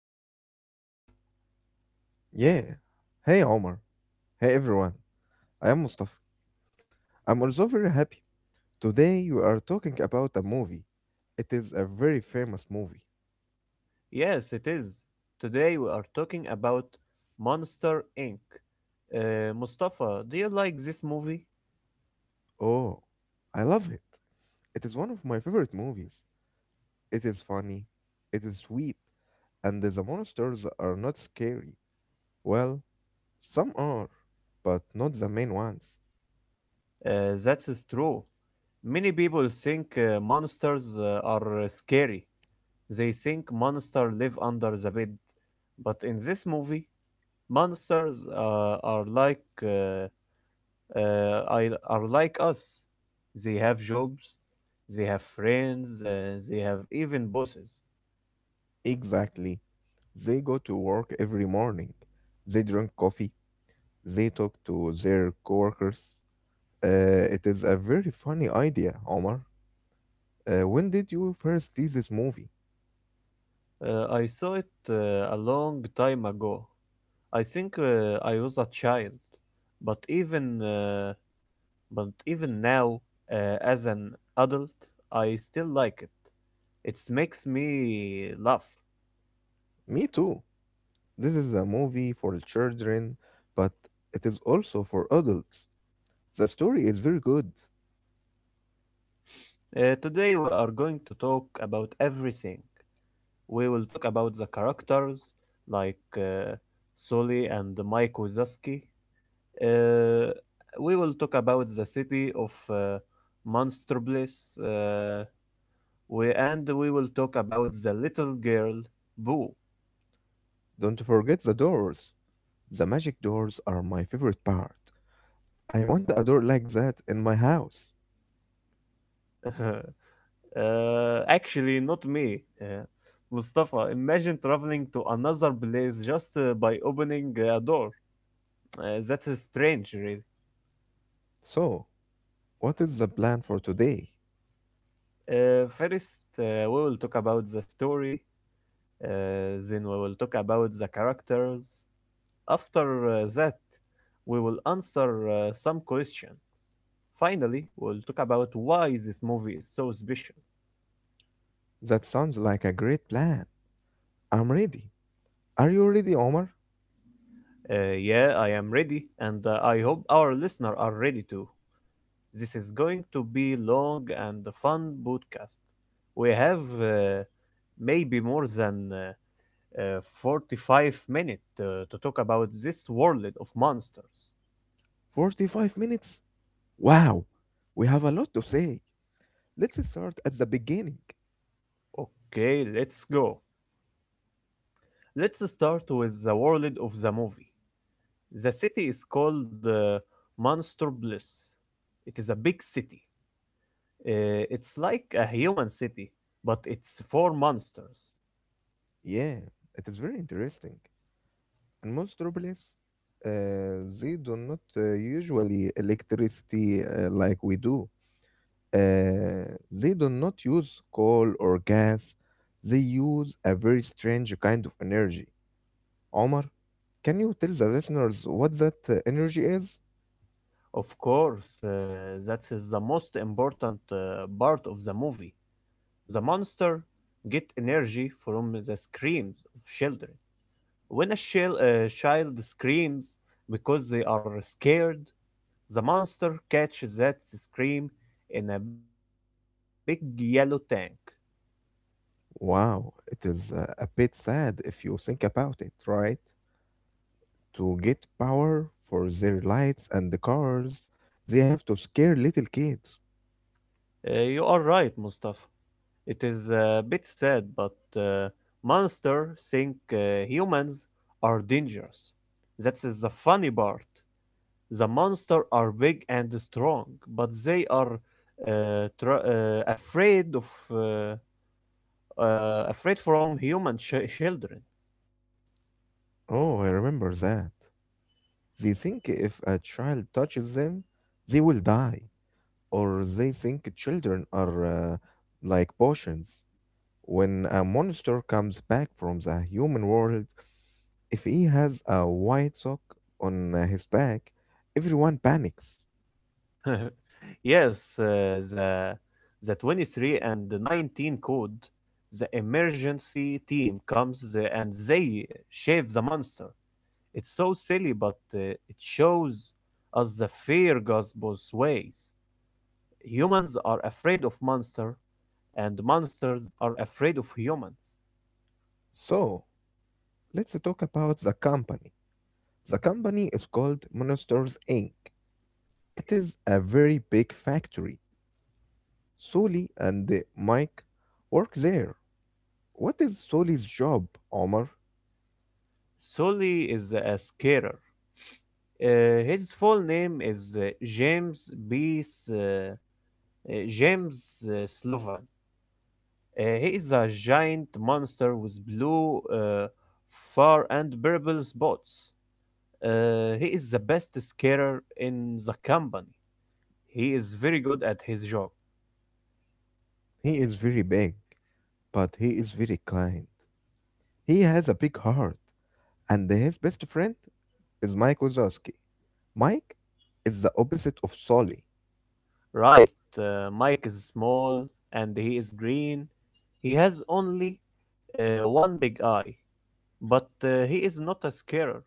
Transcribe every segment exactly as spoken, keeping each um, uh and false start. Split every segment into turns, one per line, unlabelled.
episode for you.
Yeah. Hey, Omar. Hey, everyone. I am Mustafa. I'm also very happy. Today, we are talking about a movie. It is a very famous movie.
Yes, it is. Today we are talking about Monster inc. Uh, Mustafa, do you like this movie?
Oh, I love it. It is one of my favorite movies. It is funny, it is sweet, and the monsters are not scary. Well, some are, but not the main ones.
Uh, that is true. Many people think uh, monsters uh, are uh, scary. They think monsters live under the bed. But in this movie, monsters uh, are like uh, uh, I are like us. They have jobs, they have friends, uh, they have even bosses.
Exactly. They go to work every morning. They drink coffee. They talk to their coworkers. Uh, it is a very funny idea, Omar. Uh, when did you first see this movie?
Uh, I saw it uh, a long time ago. I think uh, I was a child, but even uh, but even now, uh, as an adult, I still like it. It makes me laugh.
Me too. This is a movie for children, but it is also for adults. The story is very good.
Uh, today we are going to talk about everything. We will talk about the characters like uh, Sully and Mike Wazowski. Uh, we will talk about the city of uh, Monstropolis, uh, we, and we will talk about the little girl, Boo.
Don't forget the doors. The magic doors are my favorite part. I want a door like that in my house.
Uh, actually, not me. Uh, Mustafa, imagine traveling to another place just uh, by opening a door. Uh, that's uh, strange, really.
So, what is the plan for today?
Uh, first, uh, we will talk about the story. Uh, then we will talk about the characters. After uh, that, we will answer uh, some question. Finally, we'll talk about why this movie is so special.
That sounds like a great plan. I'm ready. Are you ready, Omar?
Uh, yeah, I am ready, and uh, I hope our listeners are ready too. This is going to be long and fun podcast. We have uh, maybe more than uh, uh, forty-five minutes uh, to talk about this world of monsters.
forty-five minutes? Wow! We have a lot to say. Let's start at the beginning.
Okay, let's go. Let's start with the world of the movie. The city is called uh, Monster Bliss. It is a big city. Uh, it's like a human city, but it's for monsters.
Yeah, it is very interesting. In most robots, uh, they do not uh, usually electricity uh, like we do. Uh, they do not use coal or gas. They use a very strange kind of energy. Omar, can you tell the listeners what that uh, energy is?
Of course, uh, that is the most important uh, part of the movie. The monster get energy from the screams of children. When a shil- uh, child screams because they are scared, the monster catches that scream in a big yellow tank.
Wow, it is uh, a bit sad if you think about it, right? To get power for their lights and the cars, they have to scare little kids.
Uh, you are right, Mustafa. It is a bit sad, but uh, monsters think uh, humans are dangerous. That is the funny part. The monsters are big and strong, but they are uh, tr- uh, afraid of uh, uh, afraid from human ch- children.
Oh, I remember that. They think if a child touches them, they will die. Or they think children are uh, like potions. When a monster comes back from the human world, if he has a white sock on uh, his back, everyone panics.
Yes, uh, the the twenty-three and the nineteen code. The emergency team comes uh, and they shave the monster. It's so silly, but uh, it shows us the fear goes both ways. Humans are afraid of monsters, and monsters are afraid of humans.
So, let's talk about the company. The company is called Monsters Inc. It is a very big factory. Soli and uh, Mike work there. What is Soli's job, Omar?
Sully is a scarer. Uh, his full name is uh, James B. S- uh, uh, James uh, Slovan. Uh, he is a giant monster with blue, uh, fur, and purple spots. Uh, he is the best scarer in the company. He is very good at his job.
He is very big, but he is very kind. He has a big heart, and his best friend is Mike Wazowski. Mike is the opposite of Soli.
Right, uh, Mike is small and he is green. He has only uh, one big eye, but uh, he is not a scarer.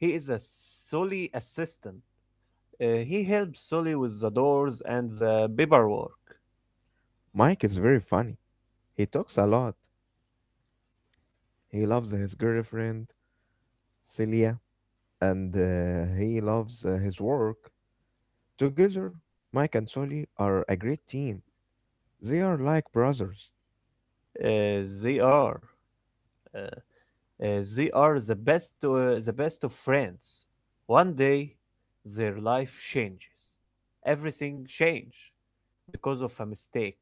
He is a Sully assistant. Uh, he helps Sully with the doors and the paperwork.
Mike is very funny. He talks a lot. He loves his girlfriend, Celia, and uh, he loves uh, his work. Together, Mike and Soli are a great team. They are like brothers.
Uh, they are uh, uh, they are the best uh, the best of friends. One day, their life changes. Everything change because of a mistake.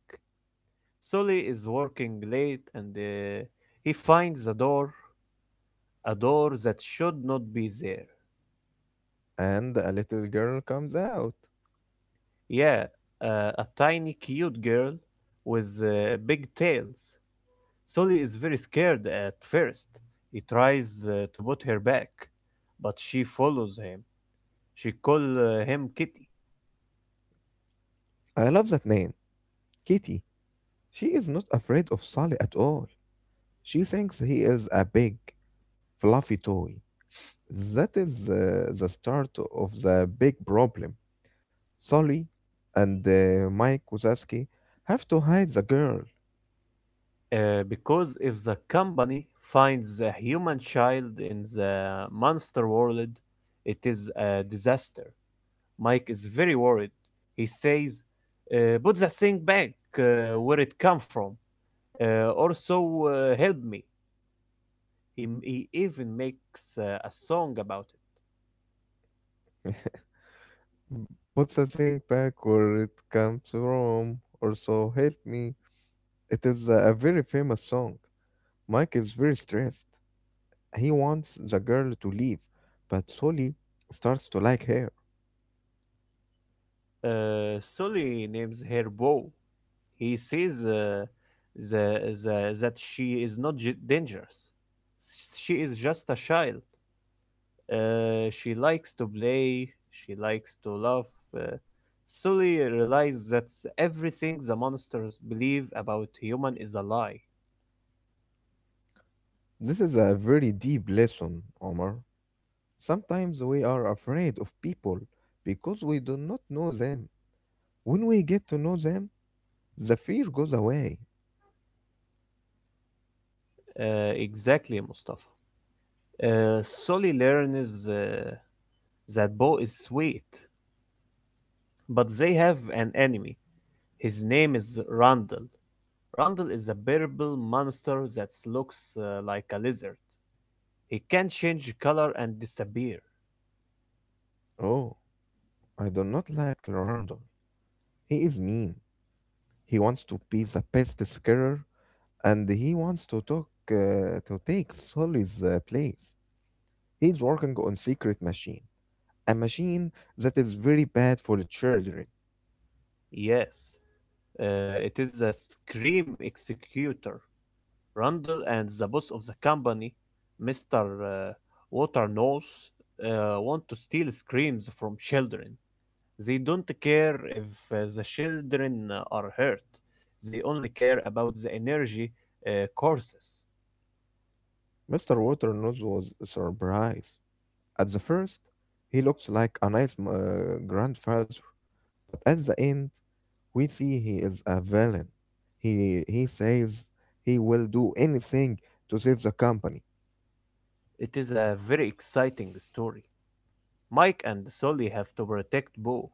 Sully is working late and uh, he finds a door, a door that should not be there.
And a little girl comes out.
Yeah, uh, a tiny cute girl with uh, big tails. Sully is very scared at first. He tries uh, to put her back, but she follows him. She calls uh, him Kitty.
I love that name, Kitty. She is not afraid of Sally at all. She thinks he is a big, fluffy toy. That is uh, the start of the big problem. Sally and uh, Mike Wazowski have to hide the girl.
Uh, because if the company finds a human child in the monster world, it is a disaster. Mike is very worried. He says, uh, "Put the thing back uh, where it come from. Uh, also, uh, help me." He, he even makes uh, a song about
Put the thing back where it comes from, or so help me. It is a very famous song. Mike is very stressed. He wants the girl to leave, but Sully starts to like her.
it. Uh, Sully names her Bo. He says uh, the, the, that she is not dangerous. She is just a child. Uh, she likes to play, she likes to laugh. Uh, Sully realizes that everything the monsters believe about human is a lie.
This is a very deep lesson, Omar. Sometimes we are afraid of people because we do not know them. When we get to know them, the fear goes away.
Uh, exactly, Mustafa. Uh, Sully learns uh, that Bo is sweet, but they have an enemy. His name is Randall. Randall is a purple monster that looks uh, like a lizard. He can change color and disappear.
Oh, I do not like Randall. He is mean. He wants to be the best skier and he wants to talk uh, to take Sully's uh, place. He's working on secret machine, a machine that is very bad for the children.
Yes, uh, it is the Scream Executor. Randall and the boss of the company, mister Uh, Waternose, uh, want to steal screams from children. They don't care if uh, the children uh, are hurt. They only care about the energy uh, courses.
Mister Waternose was surprised. At the first, he looks like a nice uh, grandfather, but at the end, we see he is a villain. He he says he will do anything to save the company.
It is a very exciting story. Mike and Sully have to protect Bo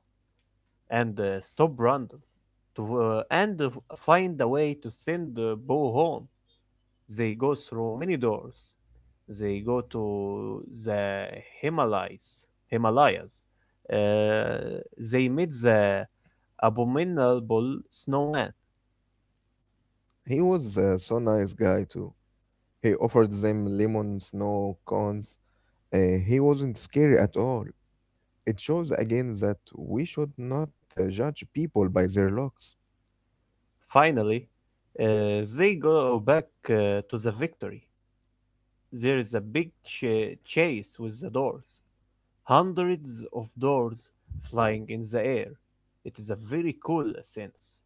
and uh, stop Randall. To uh, and uh, Find a way to send uh, Bo home. They go through many doors. They go to the Himalayas. Himalayas. Uh, they meet the abominable snowman.
He was uh, so nice guy too. He offered them lemon snow cones. Uh, he wasn't scary at all. It shows again that we should not uh, judge people by their looks.
Finally, uh, they go back uh, to the Victory. There is a big ch- chase with the doors. Hundreds of doors flying in the air. It is a very cool sense.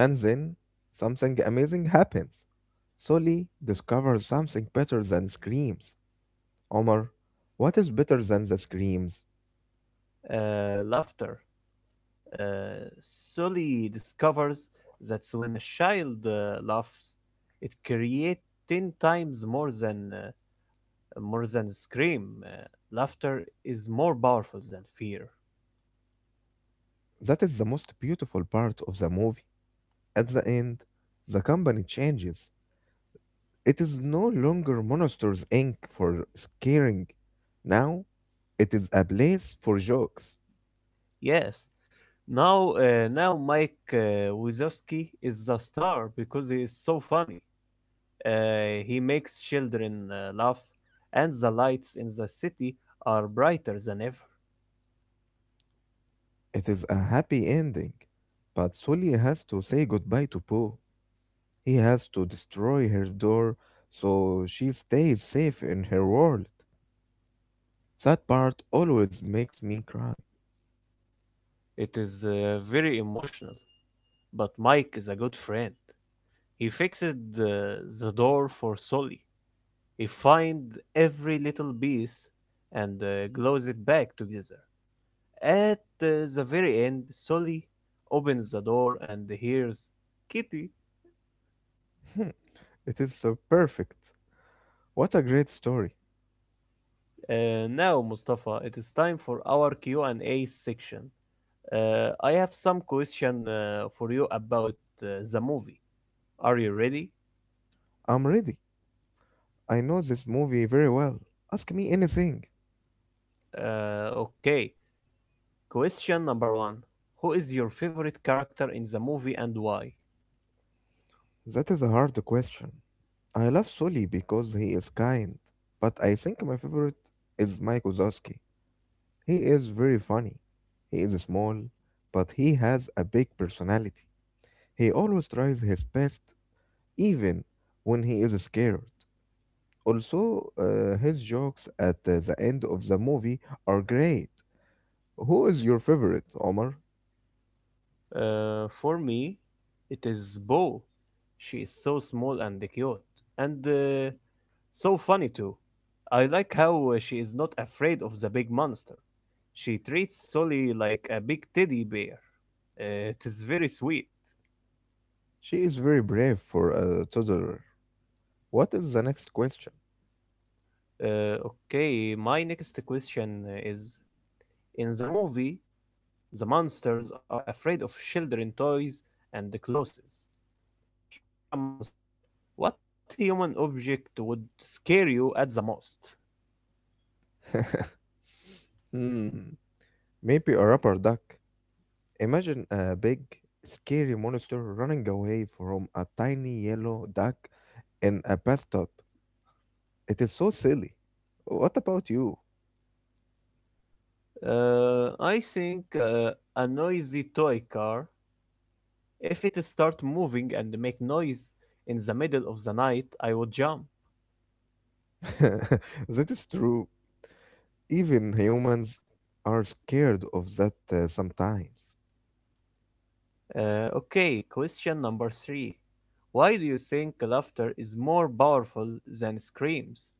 And then something amazing happens. Sully discovers something better than screams. Omar, what is better than the screams?
Uh, laughter. Uh, Sully discovers that when a child uh, laughs, it creates ten times more than uh, more than scream. Uh, laughter is more powerful than fear.
That is the most beautiful part of the movie. At the end, the company changes. It is no longer Monsters Inc for scaring. Now it is a place for jokes.
Yes. Now, uh, now Mike uh, Wazowski is the star because he is so funny. Uh, he makes children uh, laugh, and the lights in the city are brighter than ever.
It is a happy ending, but Sully has to say goodbye to Poe. He has to destroy her door so she stays safe in her world. That part always makes me cry.
It is uh, very emotional, but Mike is a good friend. He fixed the, the door for Sully. He find every little piece and uh, glues it back together. At uh, the very end, Sully opens the door and hears Kitty.
It is so perfect. What a great story.
Uh, now, Mustafa, it is time for our Q and A section. Uh, I have some question uh, for you about uh, the movie. Are you ready?
I'm ready. I know this movie very well. Ask me anything.
Uh, okay. Question number one. Who is your favorite character in the movie and why?
That is a hard question. I love Sully because he is kind, but I think my favorite is Mike Wazowski. He is very funny. He is small, but he has a big personality. He always tries his best, even when he is scared. Also, uh, his jokes at uh, the end of the movie are great. Who is your favorite, Omar?
Uh, for me, it is Bo. She is so small and cute, and uh, so funny too. I like how uh, she is not afraid of the big monster. She treats Sully like a big teddy bear. Uh, it is very sweet.
She is very brave for a toddler. What is the next question?
Uh, okay, my next question is: in the movie, the monsters are afraid of children, toys, and the clothes. If you were a monster, what human object would scare you at the most?
hmm, maybe a rubber duck. Imagine a big, scary monster running away from a tiny yellow duck in a bathtub. It is so silly. What about you?
Uh, I think uh, a noisy toy car. If it start moving and make noise in the middle of the night, I would jump.
That is true. Even humans are scared of that uh, sometimes.
Uh, okay, question number three. Why do you think laughter is more powerful than screams?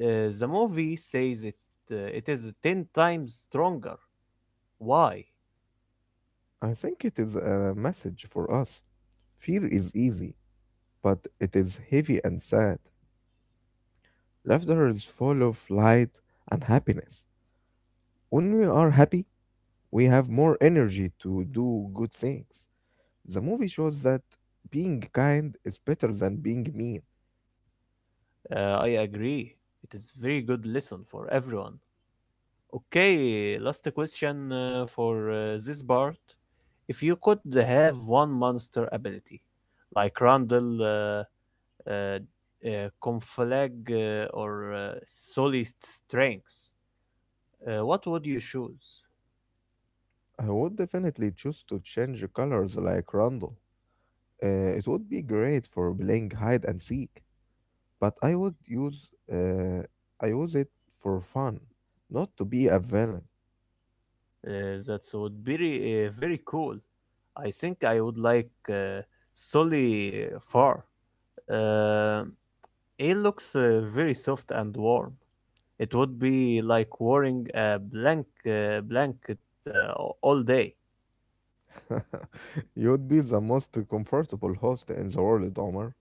Uh, the movie says it. Uh, it is ten times stronger. Why?
I think it is a message for us. Fear is easy, but it is heavy and sad. Laughter is full of light and happiness. When we are happy, we have more energy to do good things. The movie shows that being kind is better than being mean.
Uh, I agree. It is very good lesson for everyone. Okay, last question uh, for uh, this part. If you could have one monster ability, like Randall, uh, uh, uh, Conflag, uh, or uh, Solid Strengths, uh, what would you choose?
I would definitely choose to change colors like Randall. Uh, it would be great for playing hide and seek, but I would use uh, I use it for fun, not to be a villain.
Uh, that would be re- uh, very cool. I think I would like uh, Solly Far. Uh, it looks uh, very soft and warm. It would be like wearing a blank uh, blanket uh, a- all day.
You would be the most comfortable host in the world, Omar.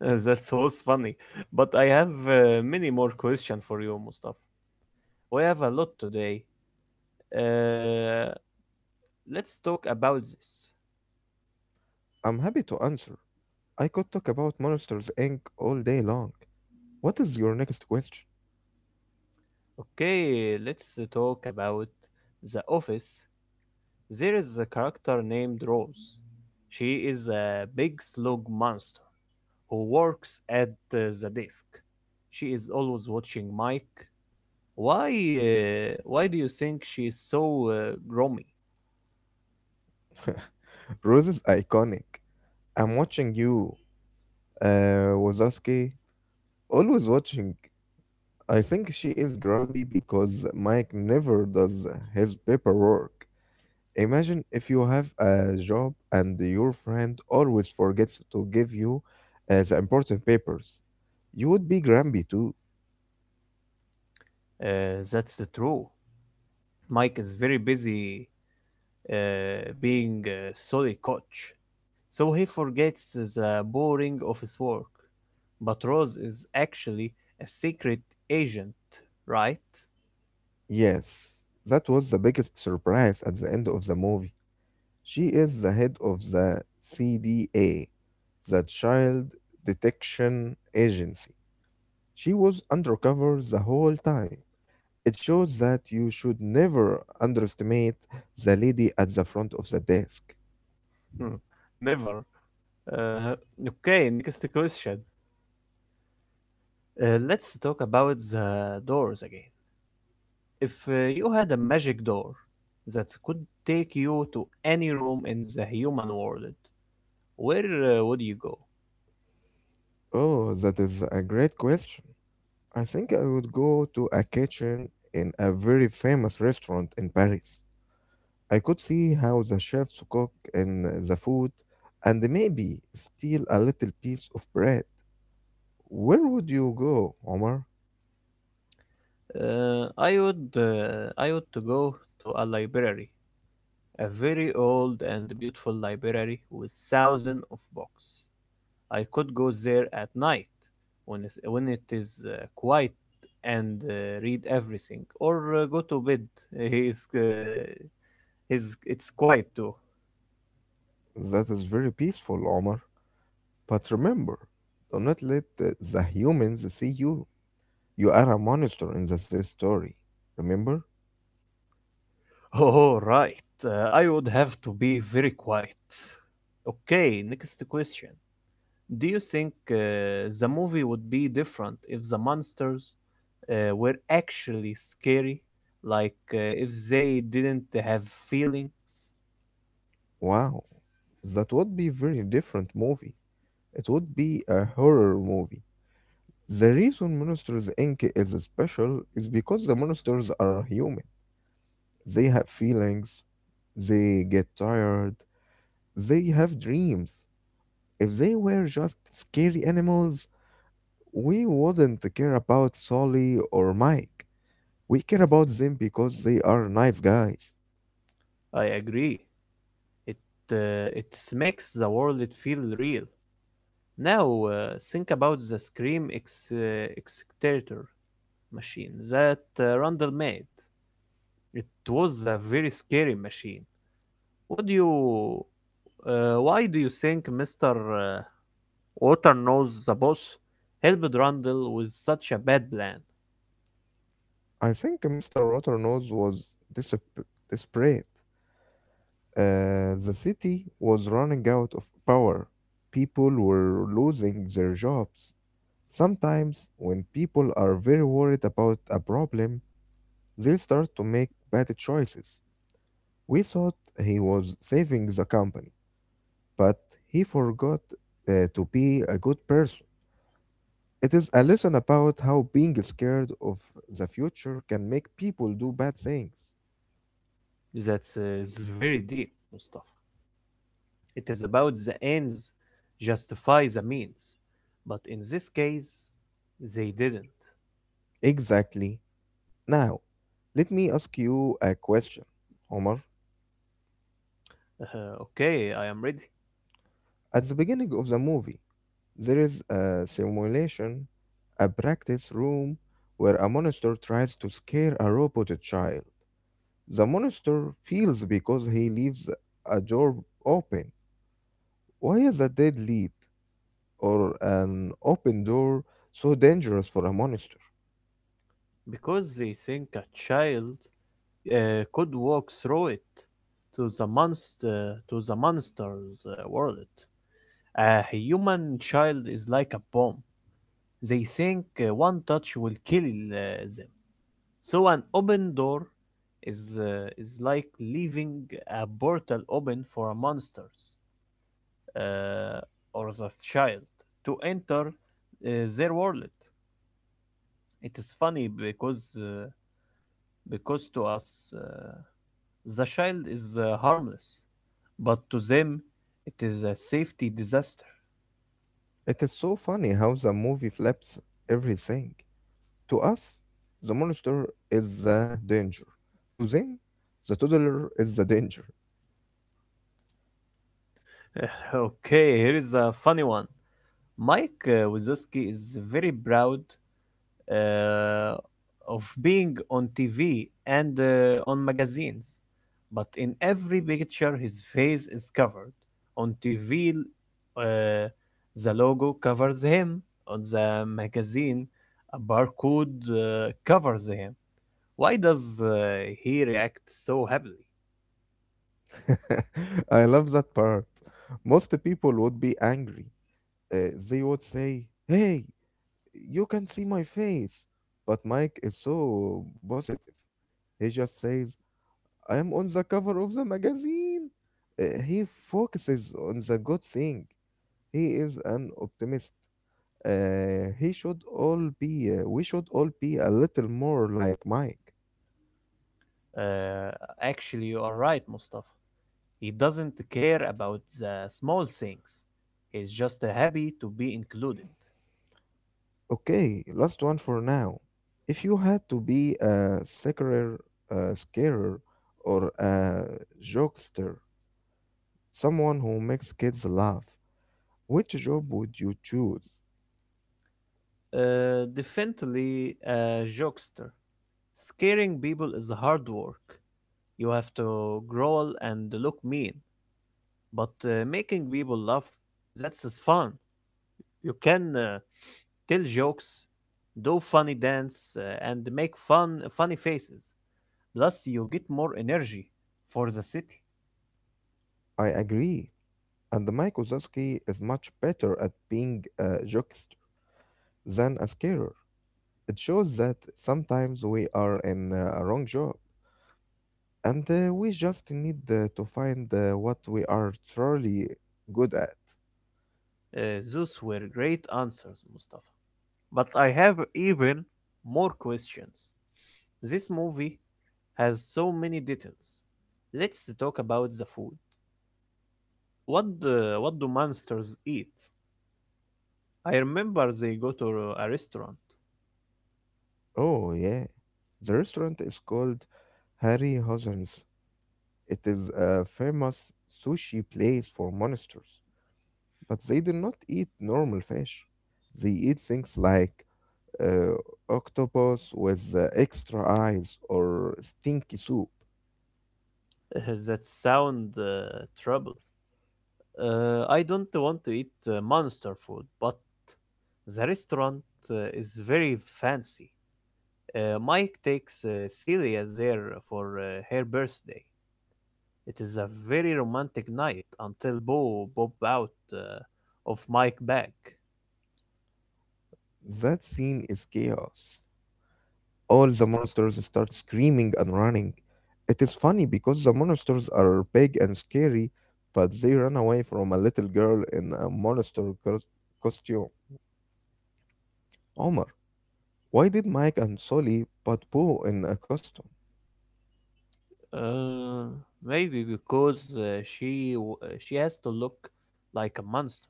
Uh, That was funny. But I have uh, many more questions for you, Mustafa. We have a lot today. Uh, let's talk about this.
I'm happy to answer. I could talk about Monsters Inc all day long. What is your next question?
Okay, let's uh, talk about the office. There is a character named Rose. She is a big slug monster who works at uh, the desk. She is always watching Mike. Why uh, why do you think she is so uh, gloomy?
Rose is iconic. I'm watching you, uh, Wazowski. Always watching. I think she is grumpy because Mike never does his paperwork. Imagine if you have a job and your friend always forgets to give you uh, the important papers. You would be grumpy too.
Uh, that's the true. Mike is very busy uh, being a solid coach, so he forgets the boring of his work. But Rose is actually a secret agent, right?
Yes, that was the biggest surprise at the end of the movie. She is the head of the C D A, the Child Detection Agency. She was undercover the whole time. It shows that you should never underestimate the lady at the front of the desk.
Hmm. Never. Uh, okay, next question. Uh, let's talk about the doors again. If uh, you had a magic door that could take you to any room in the human world, where uh, would you go?
Oh, that is a great question. I think I would go to a kitchen in a very famous restaurant in Paris. I could see how the chefs cook in the food and maybe steal a little piece of bread. Where would you go, Omar?
Uh, I would uh, I would to go to a library, a very old and beautiful library with thousands of books. I could go there at night when it's, when it is uh, quiet and uh, read everything, or uh, go to bed. It's uh, is it's quiet too.
That is very peaceful, Omar. But remember, do not let the the humans see you. You are a monster in this story. Remember?
Oh, right. Uh, I would have to be very quiet. Okay, next question. Do you think uh, the movie would be different if the monsters uh, were actually scary? Like uh, if they didn't have feelings?
Wow. That would be very different movie. It would be a horror movie. The reason Monsters Inc is special is because the monsters are human. They have feelings, they get tired, they have dreams. If they were just scary animals, we wouldn't care about Solly or Mike. We care about them because they are nice guys.
I agree. It, uh, it makes the world it feel real. Now, uh, think about the Scream ex- uh, Executor machine that uh, Randall made. It was a very scary machine. What do you? Uh, why do you think Mister uh, Water knows the boss helped Randall with such a bad plan?
I think Mister Waternose was disap- desperate. Uh, the city was running out of power. People were losing their jobs. Sometimes, when people are very worried about a problem, they'll start to make bad choices. We thought he was saving the company, but he forgot uh, to be a good person. It is a lesson about how being scared of the future can make people do bad things.
That's uh, is very deep, Mustafa. It is about the ends justify the means, but in this case, they didn't.
Exactly. Now, let me ask you a question, Omar.
Uh, okay, I am ready.
At the beginning of the movie, there is a simulation, a practice room, where a monster tries to scare a robot child. The monster feels because he leaves a door open. Why is a dead lead or an open door so dangerous for a monster?
Because they think a child uh, could walk through it to the monster to the monster's uh, world. A human child is like a bomb. They think uh, one touch will kill uh, them. So an open door is uh, is like leaving a portal open for monsters, uh, or the child to enter, uh, their world. It is funny because uh, because to us, uh, the child is uh, harmless, but to them it is a safety disaster.
It is so funny how the movie flips everything. To us, the monster is the danger. To them, the toddler is the danger.
Okay, here is a funny one. Mike uh, Wazowski is very proud uh, of being on T V and uh, on magazines, but in every picture his face is covered. On T V, uh, the logo covers him. On the magazine, a barcode uh, covers him. Why does uh, he react so happily?
I love that part. Most people would be angry. Uh, they would say, "Hey, you can see my face." But Mike is so positive. He just says, "I am on the cover of the magazine." Uh, he focuses on the good thing. He is an optimist. Uh, he should all be, uh, We should all be a little more like Mike.
Uh, Actually, you are right, Mustafa. He doesn't care about the small things. He's just happy to be included.
Okay, last one for now. If you had to be a scarer, a scarer, or a jokester, someone who makes kids laugh, which job would you choose?
Uh, definitely a jokester. Scaring people is hard work. You have to growl and look mean. But uh, making people laugh, that's is fun. You can uh, tell jokes, do funny dance, uh, and make fun funny faces. Plus, you get more energy for the city.
I agree. And Mike Wazowski is much better at being a jokester than a scarer. It shows that sometimes we are in a wrong job, and uh, we just need uh, to find uh, what we are truly good at.
Uh, those were great answers, Mustafa. But I have even more questions. This movie has so many details. Let's talk about the food. What do, what do monsters eat? I remember they go to a restaurant.
Oh, yeah. The restaurant is called Harry Hozan's. It is a famous sushi place for monsters, but they do not eat normal fish. They eat things like uh, octopus with uh, extra eyes or stinky soup.
That sound uh, trouble. Uh, I don't want to eat uh, monster food, but the restaurant uh, is very fancy. Uh, Mike takes uh, Celia there for uh, her birthday. It is a very romantic night until Bo bob out uh, of Mike back.
That scene is chaos. All the monsters start screaming and running. It is funny because the monsters are big and scary, but they run away from a little girl in a monster cos- costume. Omar, why did Mike and Sully put Boo in a costume?
Uh, Maybe because uh, she w- uh, she has to look like a monster.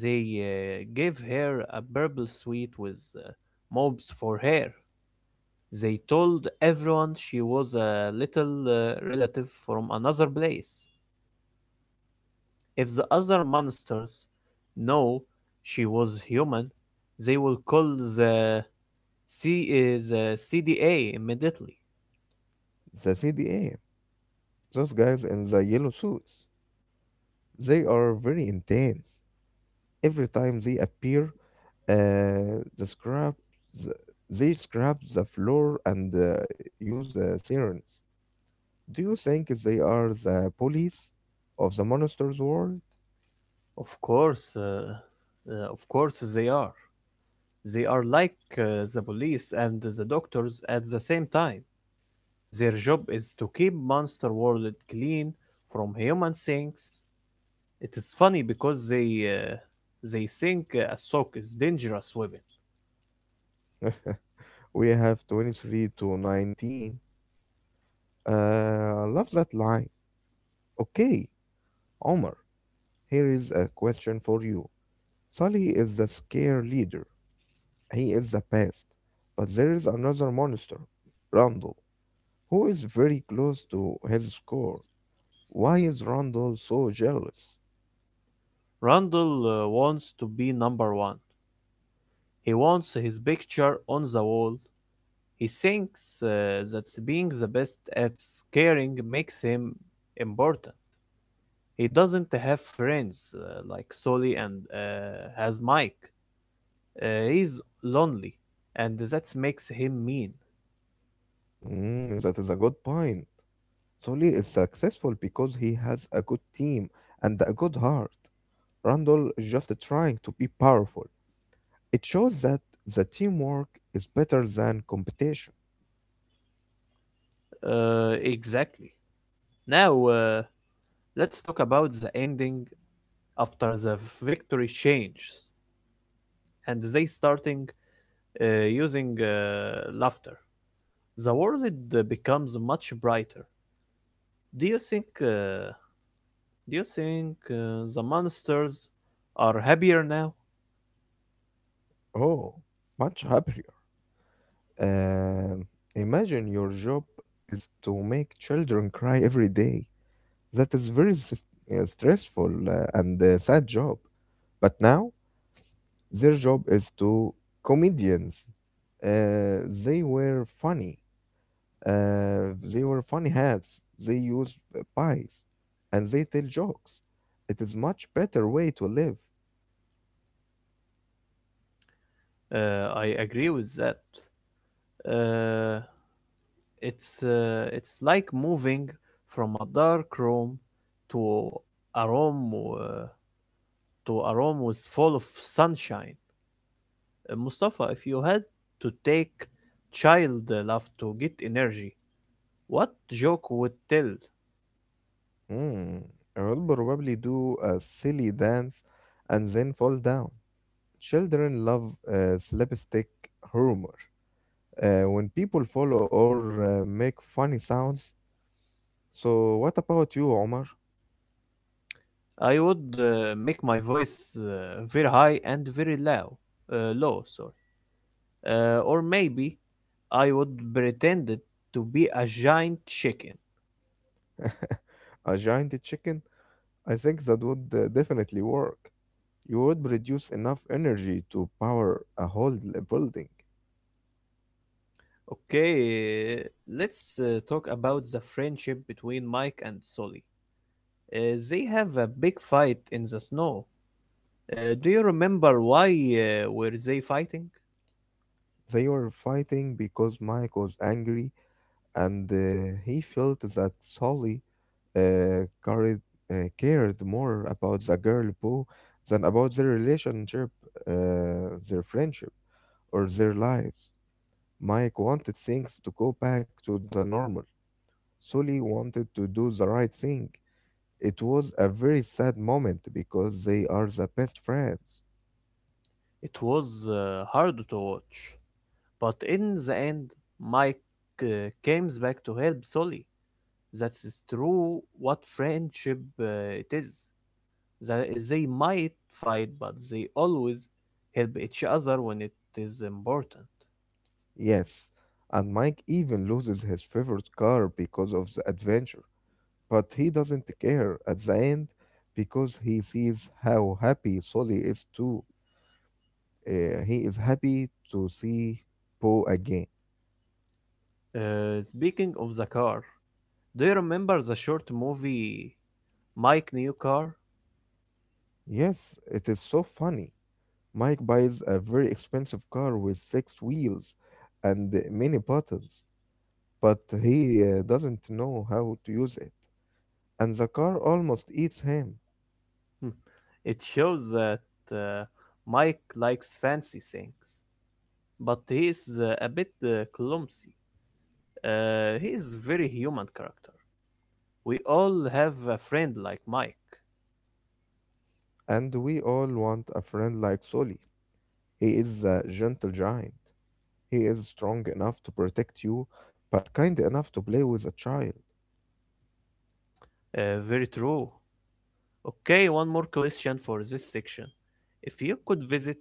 They uh, gave her a purple suit with, uh, mobs for hair. They told everyone she was a little uh, relative from another place. If the other monsters know she was human, they will call the C uh, the C D A immediately.
The C D A, those guys in the yellow suits, they are very intense. Every time they appear, uh, the scrap, the, they scrap the floor and uh, use uh, sirens. Do you think they are the police of the monsters world?
Of course, uh, uh, of course they are. They are like uh, the police and the doctors at the same time. Their job is to keep Monster World clean from human things. It is funny because they uh, they think a sock is dangerous weapon.
We have twenty three to nineteen. Uh, I love that line. Okay, Omar, here is a question for you. Sully is the scare leader. He is the pest. But there is another monster, Randall, who is very close to his score. Why is Randall so jealous?
Randall uh, wants to be number one. He wants his picture on the wall. He thinks uh, that being the best at scaring makes him important. He doesn't have friends uh, like Sully and uh, has Mike. Uh, he's lonely, and that makes him mean.
Mm, that is a good point. Sully is successful because he has a good team and a good heart. Randall is just trying to be powerful. It shows that the teamwork is better than competition.
Uh, exactly. Now, uh, let's talk about the ending after the victory changes and they starting uh, using uh, laughter. The world uh, becomes much brighter. Do you think uh, do you think uh, the monsters are happier now?
Oh, much happier. Um, Imagine your job is to make children cry every day. That is very s- uh, stressful uh, and a sad job. But now their job is to comedians. Uh, they were funny. Uh, they were funny hats. They use uh, pies, and they tell jokes. It is much better way to live.
Uh, I agree with that. Uh, it's uh, it's like moving from a dark room to a room uh, to a room with full of sunshine. Uh, Mustafa, if you had to take child uh, love to get energy, what joke would tell?
Hmm. I will probably do a silly dance and then fall down. Children love uh, slapstick humor uh, when people follow or uh, make funny sounds. So, what about you, Omar?
I would uh, make my voice uh, very high and very low. Uh, low, sorry. Uh, or maybe I would pretend it to be a giant chicken.
A giant chicken? I think that would uh, definitely work. You would produce enough energy to power a whole l- building.
Okay, uh, let's uh, talk about the friendship between Mike and Sully. Uh, they have a big fight in the snow. Uh, do you remember why uh, were they fighting?
They were fighting because Mike was angry and uh, he felt that Sully uh, carried, uh, cared more about the girl Bo than about their relationship, uh, their friendship, or their lives. Mike wanted things to go back to the normal. Sully wanted to do the right thing. It was a very sad moment because they are the best friends.
It was uh, hard to watch, but in the end, Mike uh, comes back to help Sully. That's true. What friendship uh, it is. That they might fight, but they always help each other when it is important.
Yes, and Mike even loses his favorite car because of the adventure. But he doesn't care at the end because he sees how happy Sully is too. Uh, he is happy to see Poe again.
Uh, speaking of the car, do you remember the short movie Mike New Car?
Yes, it is so funny. Mike buys a very expensive car with six wheels and many buttons, but he uh, doesn't know how to use it. And the car almost eats him.
Hmm. It shows that uh, Mike likes fancy things, but he is uh, a bit uh, clumsy. Uh, he is very human character. We all have a friend like Mike.
And we all want a friend like Sully. He is a gentle giant. He is strong enough to protect you, but kind enough to play with a child.
Uh, very true. Okay, one more question for this section. If you could visit,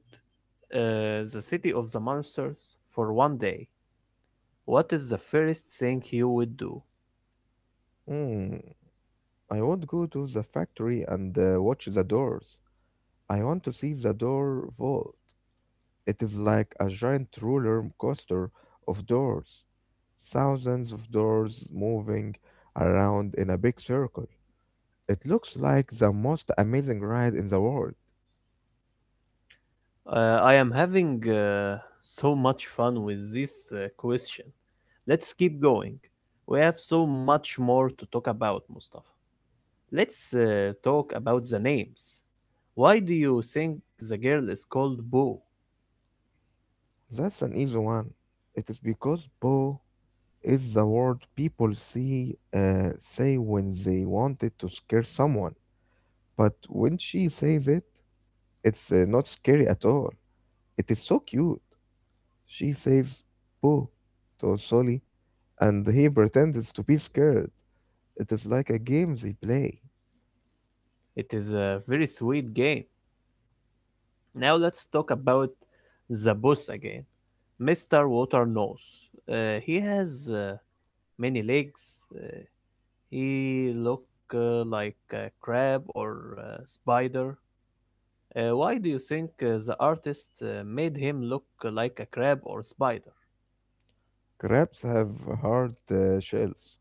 uh, the city of the monsters for one day, what is the first thing you would do?
Hmm, I would go to the factory and uh, watch the doors. I want to see the door vault. It is like a giant roller coaster of doors. Thousands of doors moving around in a big circle. It looks like the most amazing ride in the world.
Uh, I am having uh, so much fun with this uh, question. Let's keep going. We have so much more to talk about, Mustafa. Let's uh, talk about the names. Why do you think the girl is called Boo?
That's an easy one. It is because Bo is the word people see uh, say when they wanted to scare someone. But when she says it, it's uh, not scary at all. It is so cute. She says boo to Sully, and he pretends to be scared. It is like a game they play.
It is a very sweet game. Now let's talk about the boss again, Mister Water Nose. Uh, he has uh, many legs. Uh, he look uh, like a crab or a spider. Uh, why do you think uh, the artist uh, made him look like a crab or spider?
Crabs have hard uh, shells.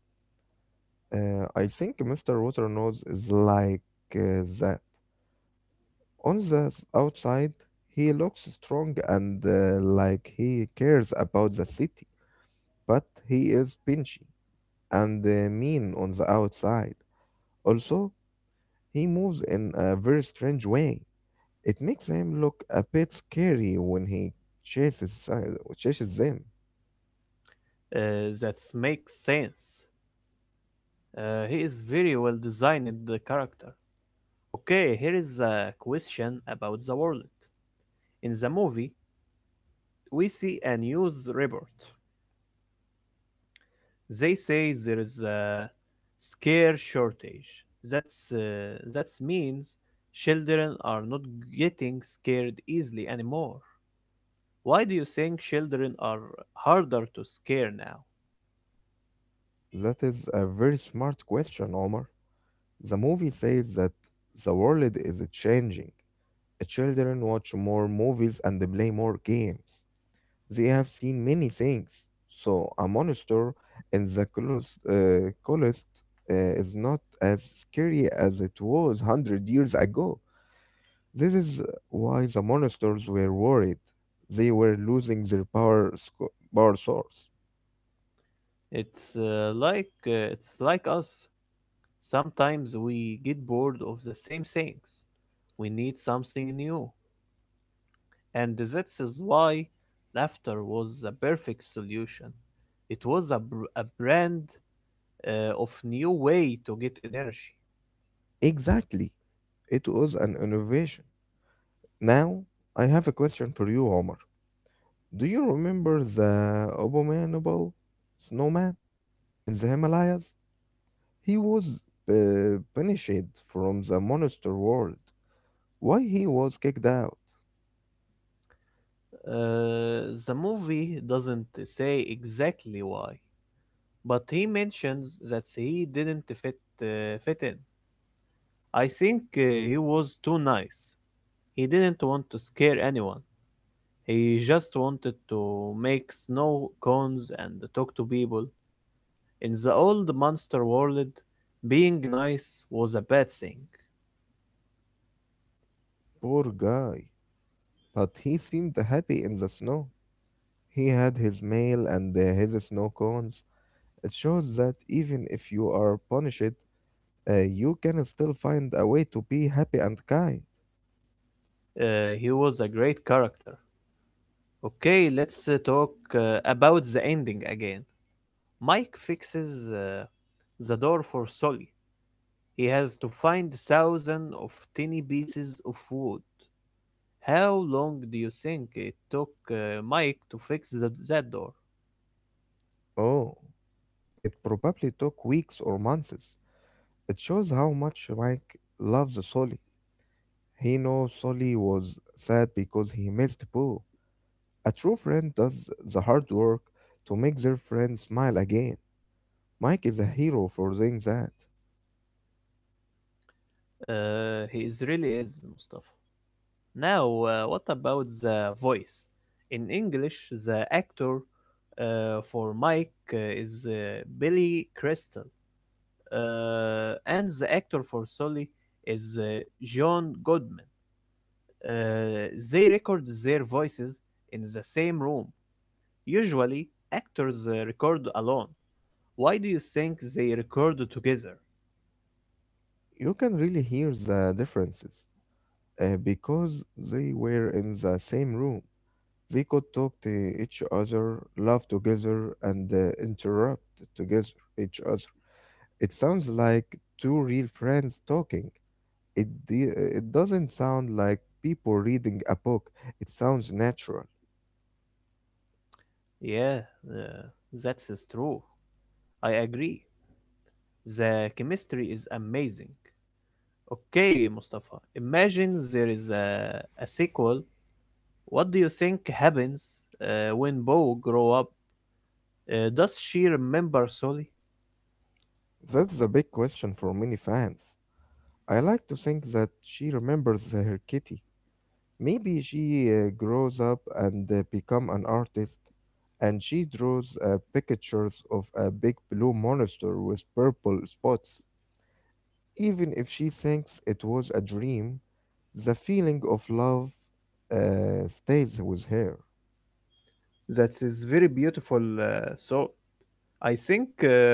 Uh, I think mister Waternose is like uh, that. On the s- outside, he looks strong and uh, like he cares about the city, but he is pinchy and uh, mean on the outside. Also, he moves in a very strange way. It makes him look a bit scary when he chases, uh, chases them.
Uh, that makes sense. Uh, he is very well designed the character. Okay, here is a question about the world. In the movie, we see a news report. They say there is a scare shortage. That's uh, that means children are not getting scared easily anymore. Why do you think children are harder to scare now?
That is a very smart question, Omar. The movie says that the world is changing. Children watch more movies and play more games. They have seen many things. So a monster in the coolest, uh, coolest uh, is not as scary as it was one hundred years ago. This is why the monsters were worried. They were losing their power, sco- power source.
It's uh, like uh, it's like us. Sometimes we get bored of the same things. We need something new, and that is why laughter was the perfect solution. It was a, br- a brand uh, of new way to get energy.
Exactly. It was an innovation. Now, I have a question for you, Omar. Do you remember the abominable snowman in the Himalayas? He was uh, punished from the monster world. Why he was kicked out?
Uh, the movie doesn't say exactly why, but he mentions that he didn't fit uh, fit in. I think uh, he was too nice. He didn't want to scare anyone. He just wanted to make snow cones and talk to people. In the old monster world, being nice was a bad thing.
Poor guy. But he seemed happy in the snow. He had his mail and uh, his snow cones. It shows that even if you are punished, uh, you can still find a way to be happy and kind.
Uh, he was a great character. Okay, let's uh, talk uh, about the ending again. Mike fixes uh, the door for Sully. He has to find thousands of tiny pieces of wood. How long do you think it took uh, Mike to fix the, that door?
Oh, it probably took weeks or months. It shows how much Mike loves Sully. He knows Sully was sad because he missed Boo. A true friend does the hard work to make their friend smile again. Mike is a hero for doing that.
Uh, he is really is Mustafa. Now, uh, what about the voice? In English, the actor uh, for Mike uh, is uh, Billy Crystal, uh, and the actor for Sully is uh, John Goodman. Uh, they record their voices in the same room. Usually, actors uh, record alone. Why do you think they record together?
You can really hear the differences uh, because they were in the same room. They could talk to each other, laugh together, and uh, interrupt together each other. It sounds like two real friends talking. It de- uh, it doesn't sound like people reading a book. It sounds natural.
Yeah, uh, that's is true. I agree. The chemistry is amazing. Okay, Mustafa, imagine there is a, a sequel. What do you think happens uh, when Bo grow up? Uh, does she remember Sully?
That's the big question for many fans. I like to think that she remembers her kitty. Maybe she uh, grows up and uh, become an artist, and she draws uh, pictures of a big blue monster with purple spots. Even if she thinks it was a dream, the feeling of love uh, stays with her.
That is very beautiful, uh, so I think uh,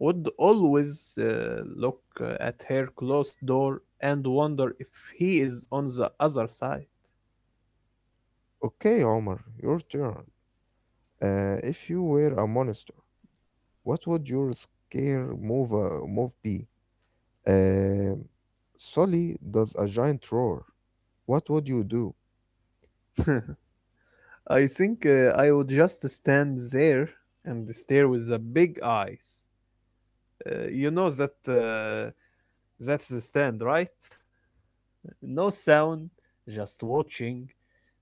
would always uh, look uh, at her closed door and wonder if he is on the other side.
Okay, Omar, your turn. Uh, if you were a monster, what would your scare move, uh, move be? Uh, Sully does a giant roar. What would you do?
I think uh, I would just stand there and stare with the big eyes. Uh, you know that uh, that's the stand, right? No sound, just watching.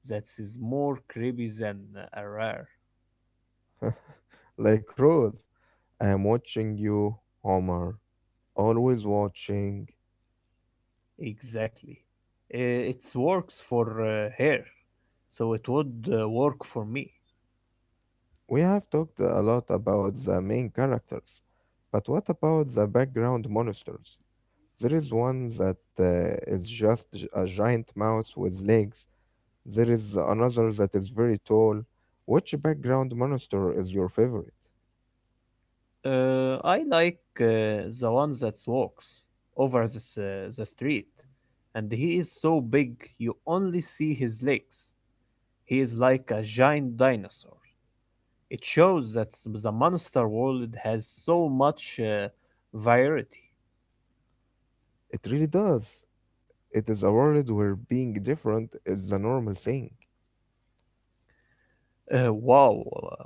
That is more creepy than a rare.
Like Rose, I am watching you, Omar. Always watching.
Exactly. Uh, It works for uh, her, so it would uh, work for me.
We have talked a lot about the main characters, but what about the background monsters? There is one that uh, is just j- a giant mouse with legs. There is another that is very tall. Which background monster is your favorite?
Uh, I like uh, the one that walks over the, uh, the street, and he is so big you only see his legs. He is like a giant dinosaur. It shows that the monster world has so much uh, variety.
It really does. It is a world where being different is the normal thing.
Uh, wow, uh,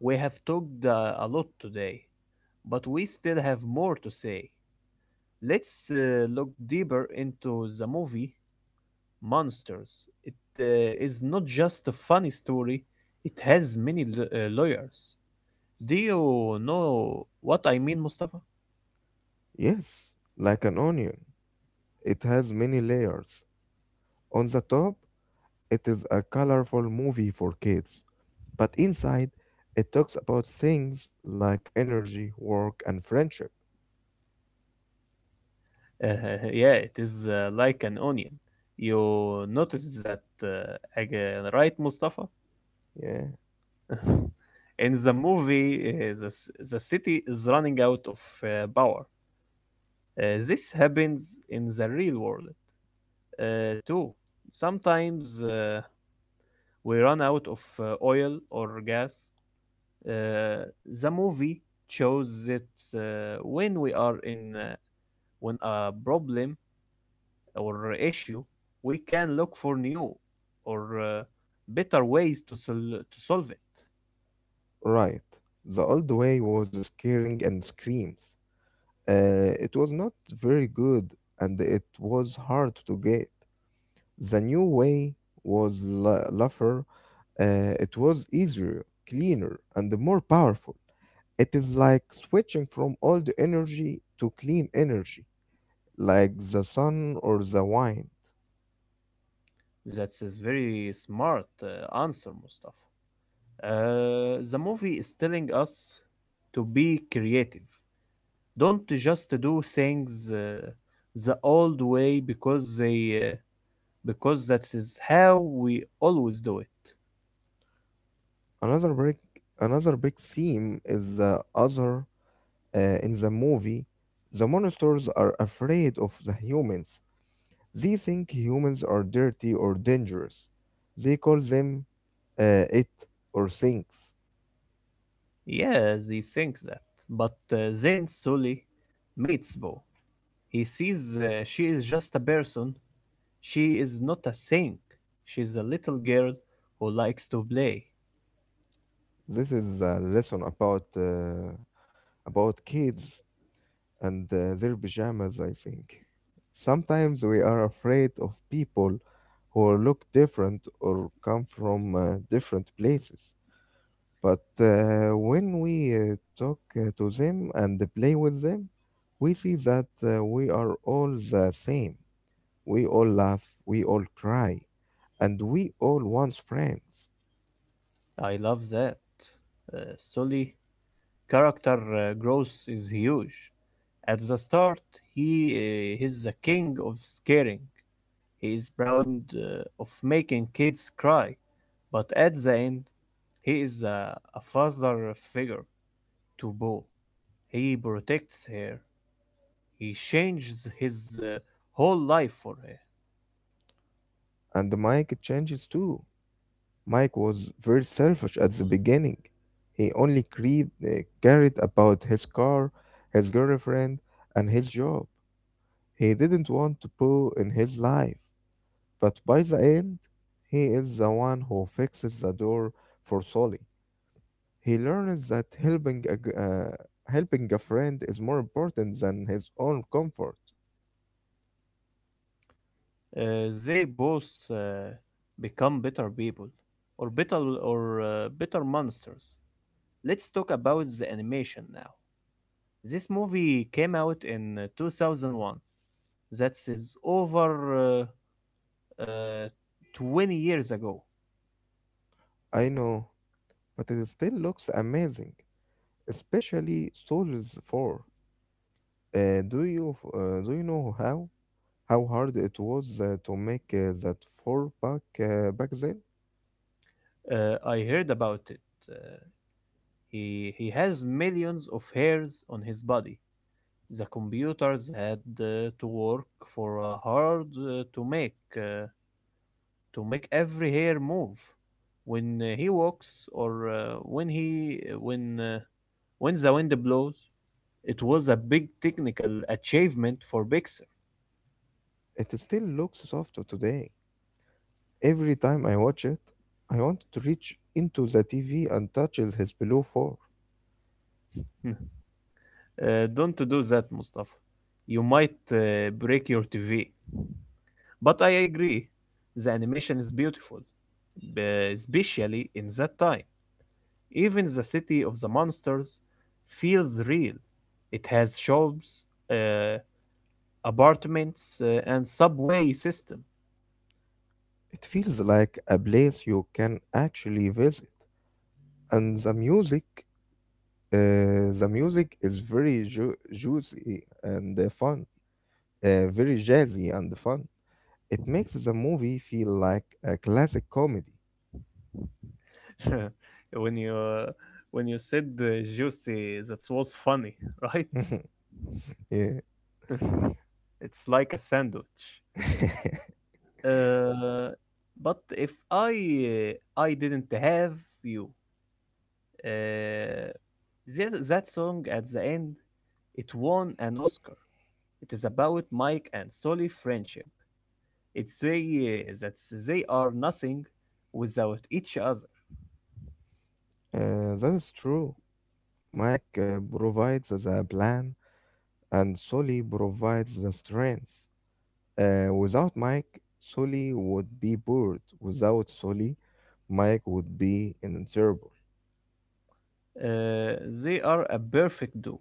we have talked uh, a lot today, but we still have more to say. Let's uh, look deeper into the movie Monsters. It uh, is not just a funny story, it has many l- uh, layers. Do you know what I mean, Mustafa?
Yes, like an onion. It has many layers. On the top, it is a colorful movie for kids. But inside, it talks about things like energy, work, and friendship.
Uh, yeah, it is uh, like an onion. You notice that uh, again, right, Mustafa?
Yeah,
In the movie, uh, the, c- the city is running out of uh, power. Uh, this happens in the real world uh, too. Sometimes uh, we run out of uh, oil or gas. Uh, the movie shows that uh, when we are in uh, when a problem or issue, we can look for new or uh, better ways to sol- to solve it.
right. The old way was scaring and screams. Uh, it was not very good and it was hard to get. The new way was la- laugher. Uh, it was easier, cleaner, and more powerful. It is like switching from old energy to clean energy. Like the sun or the wind.
That's a very smart uh, answer, Mustafa. Uh, the movie is telling us to be creative. Don't just do things uh, the old way because they uh, because that is how we always do it.
Another big, Another big theme is the other uh, in the movie. The monsters are afraid of the humans. They think humans are dirty or dangerous. They call them uh, it or things.
Yeah, they think that. But uh, then Sully meets Bo. He sees uh, she is just a person. She is not a thing. She's a little girl who likes to play.
This is a lesson about uh, about kids and uh, their pajamas. I think sometimes we are afraid of people who look different or come from uh, different places. But uh, when we uh, talk uh, to them and play with them, we see that uh, we are all the same. We all laugh, we all cry, and we all want friends.
I love that. Uh, Sully character uh, growth is huge. At the start, he uh, is the king of scaring. He is proud uh, of making kids cry. But at the end, he is a, a father figure to Bo. He protects her. He changes his, uh, whole life for her.
And Mike changes too. Mike was very selfish at the beginning. He only creed, uh, cared about his car, his girlfriend, and his job. He didn't want to pull in his life. But by the end, he is the one who fixes the door for Solly. He learns that helping a, g- uh, helping a friend is more important than his own comfort.
Uh, they both uh, become better people, or better or uh, better monsters. Let's talk about the animation now. This movie came out in, uh, two thousand one. That is over, uh, uh, twenty years ago.
I know, but it still looks amazing, especially Souls four. Uh, do you f- uh, do you know how? How hard it was uh, to make uh, that four pack uh, back then.
Uh, I heard about it. Uh, he he has millions of hairs on his body. The computers had uh, to work for uh, hard uh, to make uh, to make every hair move when uh, he walks or uh, when he uh, when uh, when the wind blows. It was a big technical achievement for Pixar.
It still looks soft today. Every time I watch it, I want to reach into the T V and touch his below four.
Uh, don't do that, Mustafa. You might uh, break your T V. But I agree, the animation is beautiful, b- especially in that time. Even the city of the monsters feels real. It has shops, uh, apartments, uh, and subway system.
It feels like a place you can actually visit, and the music, uh, the music is very ju- juicy and uh, fun, uh, very jazzy and fun. It makes the movie feel like a classic comedy.
When you uh, when you said uh, juicy, that was funny, right?
Yeah.
It's like a sandwich. Uh, but if I uh, I didn't have you, uh, that, that song at the end, it won an Oscar. It is about Mike and Sully friendship. It's say uh, that they are nothing without each other.
Uh, that is true. Mike uh, provides the plan, and Sully provides the strength. Uh, without Mike, Sully would be bored. Without Sully, Mike would be invincible.
Uh, they are a perfect duo.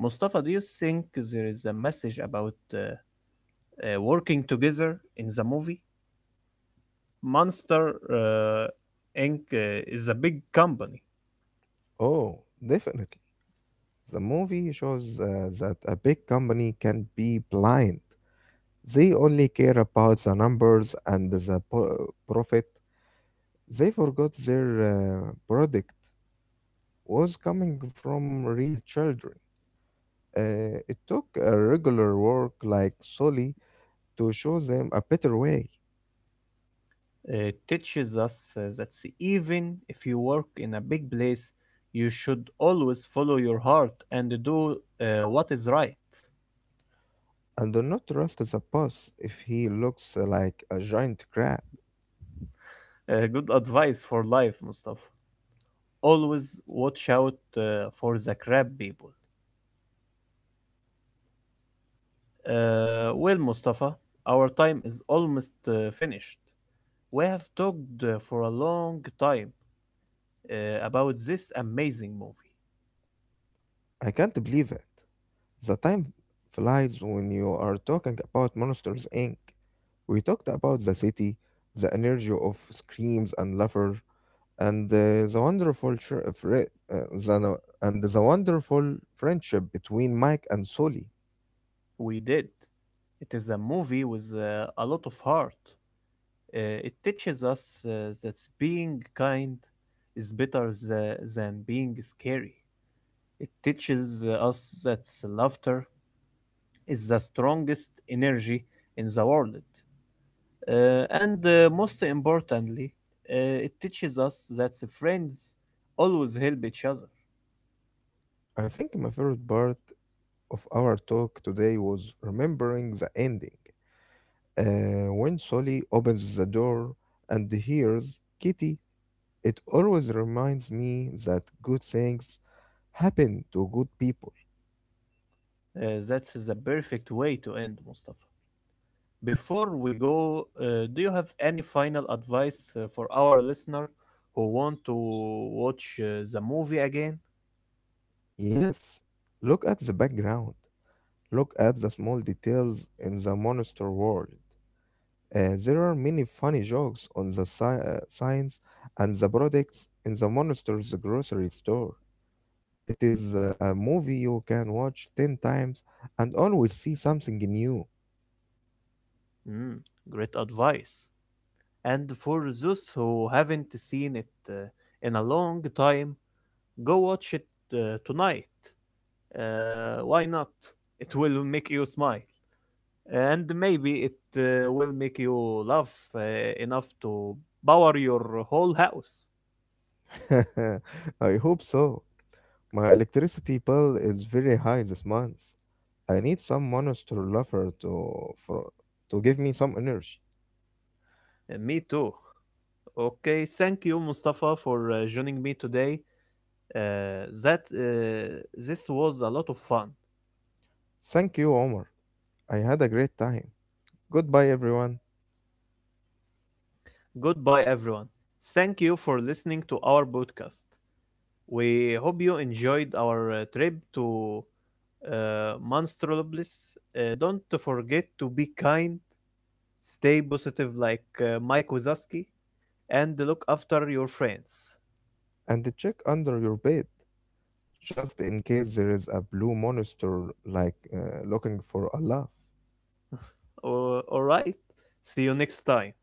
Mustafa, do you think there is a message about uh, uh, working together in the movie? Monster uh, Inc uh, is a big company.
Oh, definitely. The movie shows uh, that a big company can be blind. They only care about the numbers and the po- profit. They forgot their uh, product was coming from real children. Uh, it took a regular work like Sully to show them a better way.
It teaches us uh, that s- even if you work in a big place, you should always follow your heart and do uh, what is right.
And do not trust the boss if he looks like a giant crab.
Uh, good advice for life, Mustafa. Always watch out uh, for the crab people. Uh, well, Mustafa, our time is almost uh, finished. We have talked uh, for a long time uh, about this amazing movie.
I can't believe it. The time flies when you are talking about Monsters Inc. We talked about the city, the energy of screams and laughter, and uh, the wonderful ch- uh, fri- uh, the, no- and the wonderful friendship between Mike and Sully.
We did. It is a movie with uh, a lot of heart. Uh, it teaches us uh, that being kind is better tha- than being scary. It teaches uh, us that laughter is the strongest energy in the world. Uh, and uh, most importantly, uh, it teaches us that the friends always help each other.
I think my favorite part of our talk today was remembering the ending. Uh, when Sully opens the door and hears Kitty, it always reminds me that good things happen to good people.
Uh, that's the perfect way to end, Mustafa. Before we go, uh, do you have any final advice uh, for our listener who want to watch uh, the movie again?
Yes, look at the background. Look at the small details in the monster world. Uh, there are many funny jokes on the si- uh, signs and the products in the monster's grocery store. It is uh, a movie you can watch ten times and always see something new.
Mm, great advice. And for those who haven't seen it uh, in a long time, go watch it uh, tonight. Uh, why not? It will make you smile. And maybe it uh, will make you laugh uh, enough to power your whole house.
I hope so. My electricity bill is very high this month. I need some monster lover to, for, to give me some energy.
Uh, me too. Okay, thank you, Mustafa, for uh, joining me today. Uh, that uh, This was a lot of fun.
Thank you, Omar. I had a great time. Goodbye, everyone,
Goodbye, everyone. Thank you for listening to our podcast. We hope you enjoyed our uh, trip to uh, Monstropolis. Uh, don't forget to be kind, stay positive like uh, Mike Wazowski, and look after your friends.
and check under your bed. Just in case there is a blue monster like uh, looking for a laugh.
Uh, all right. See you next time.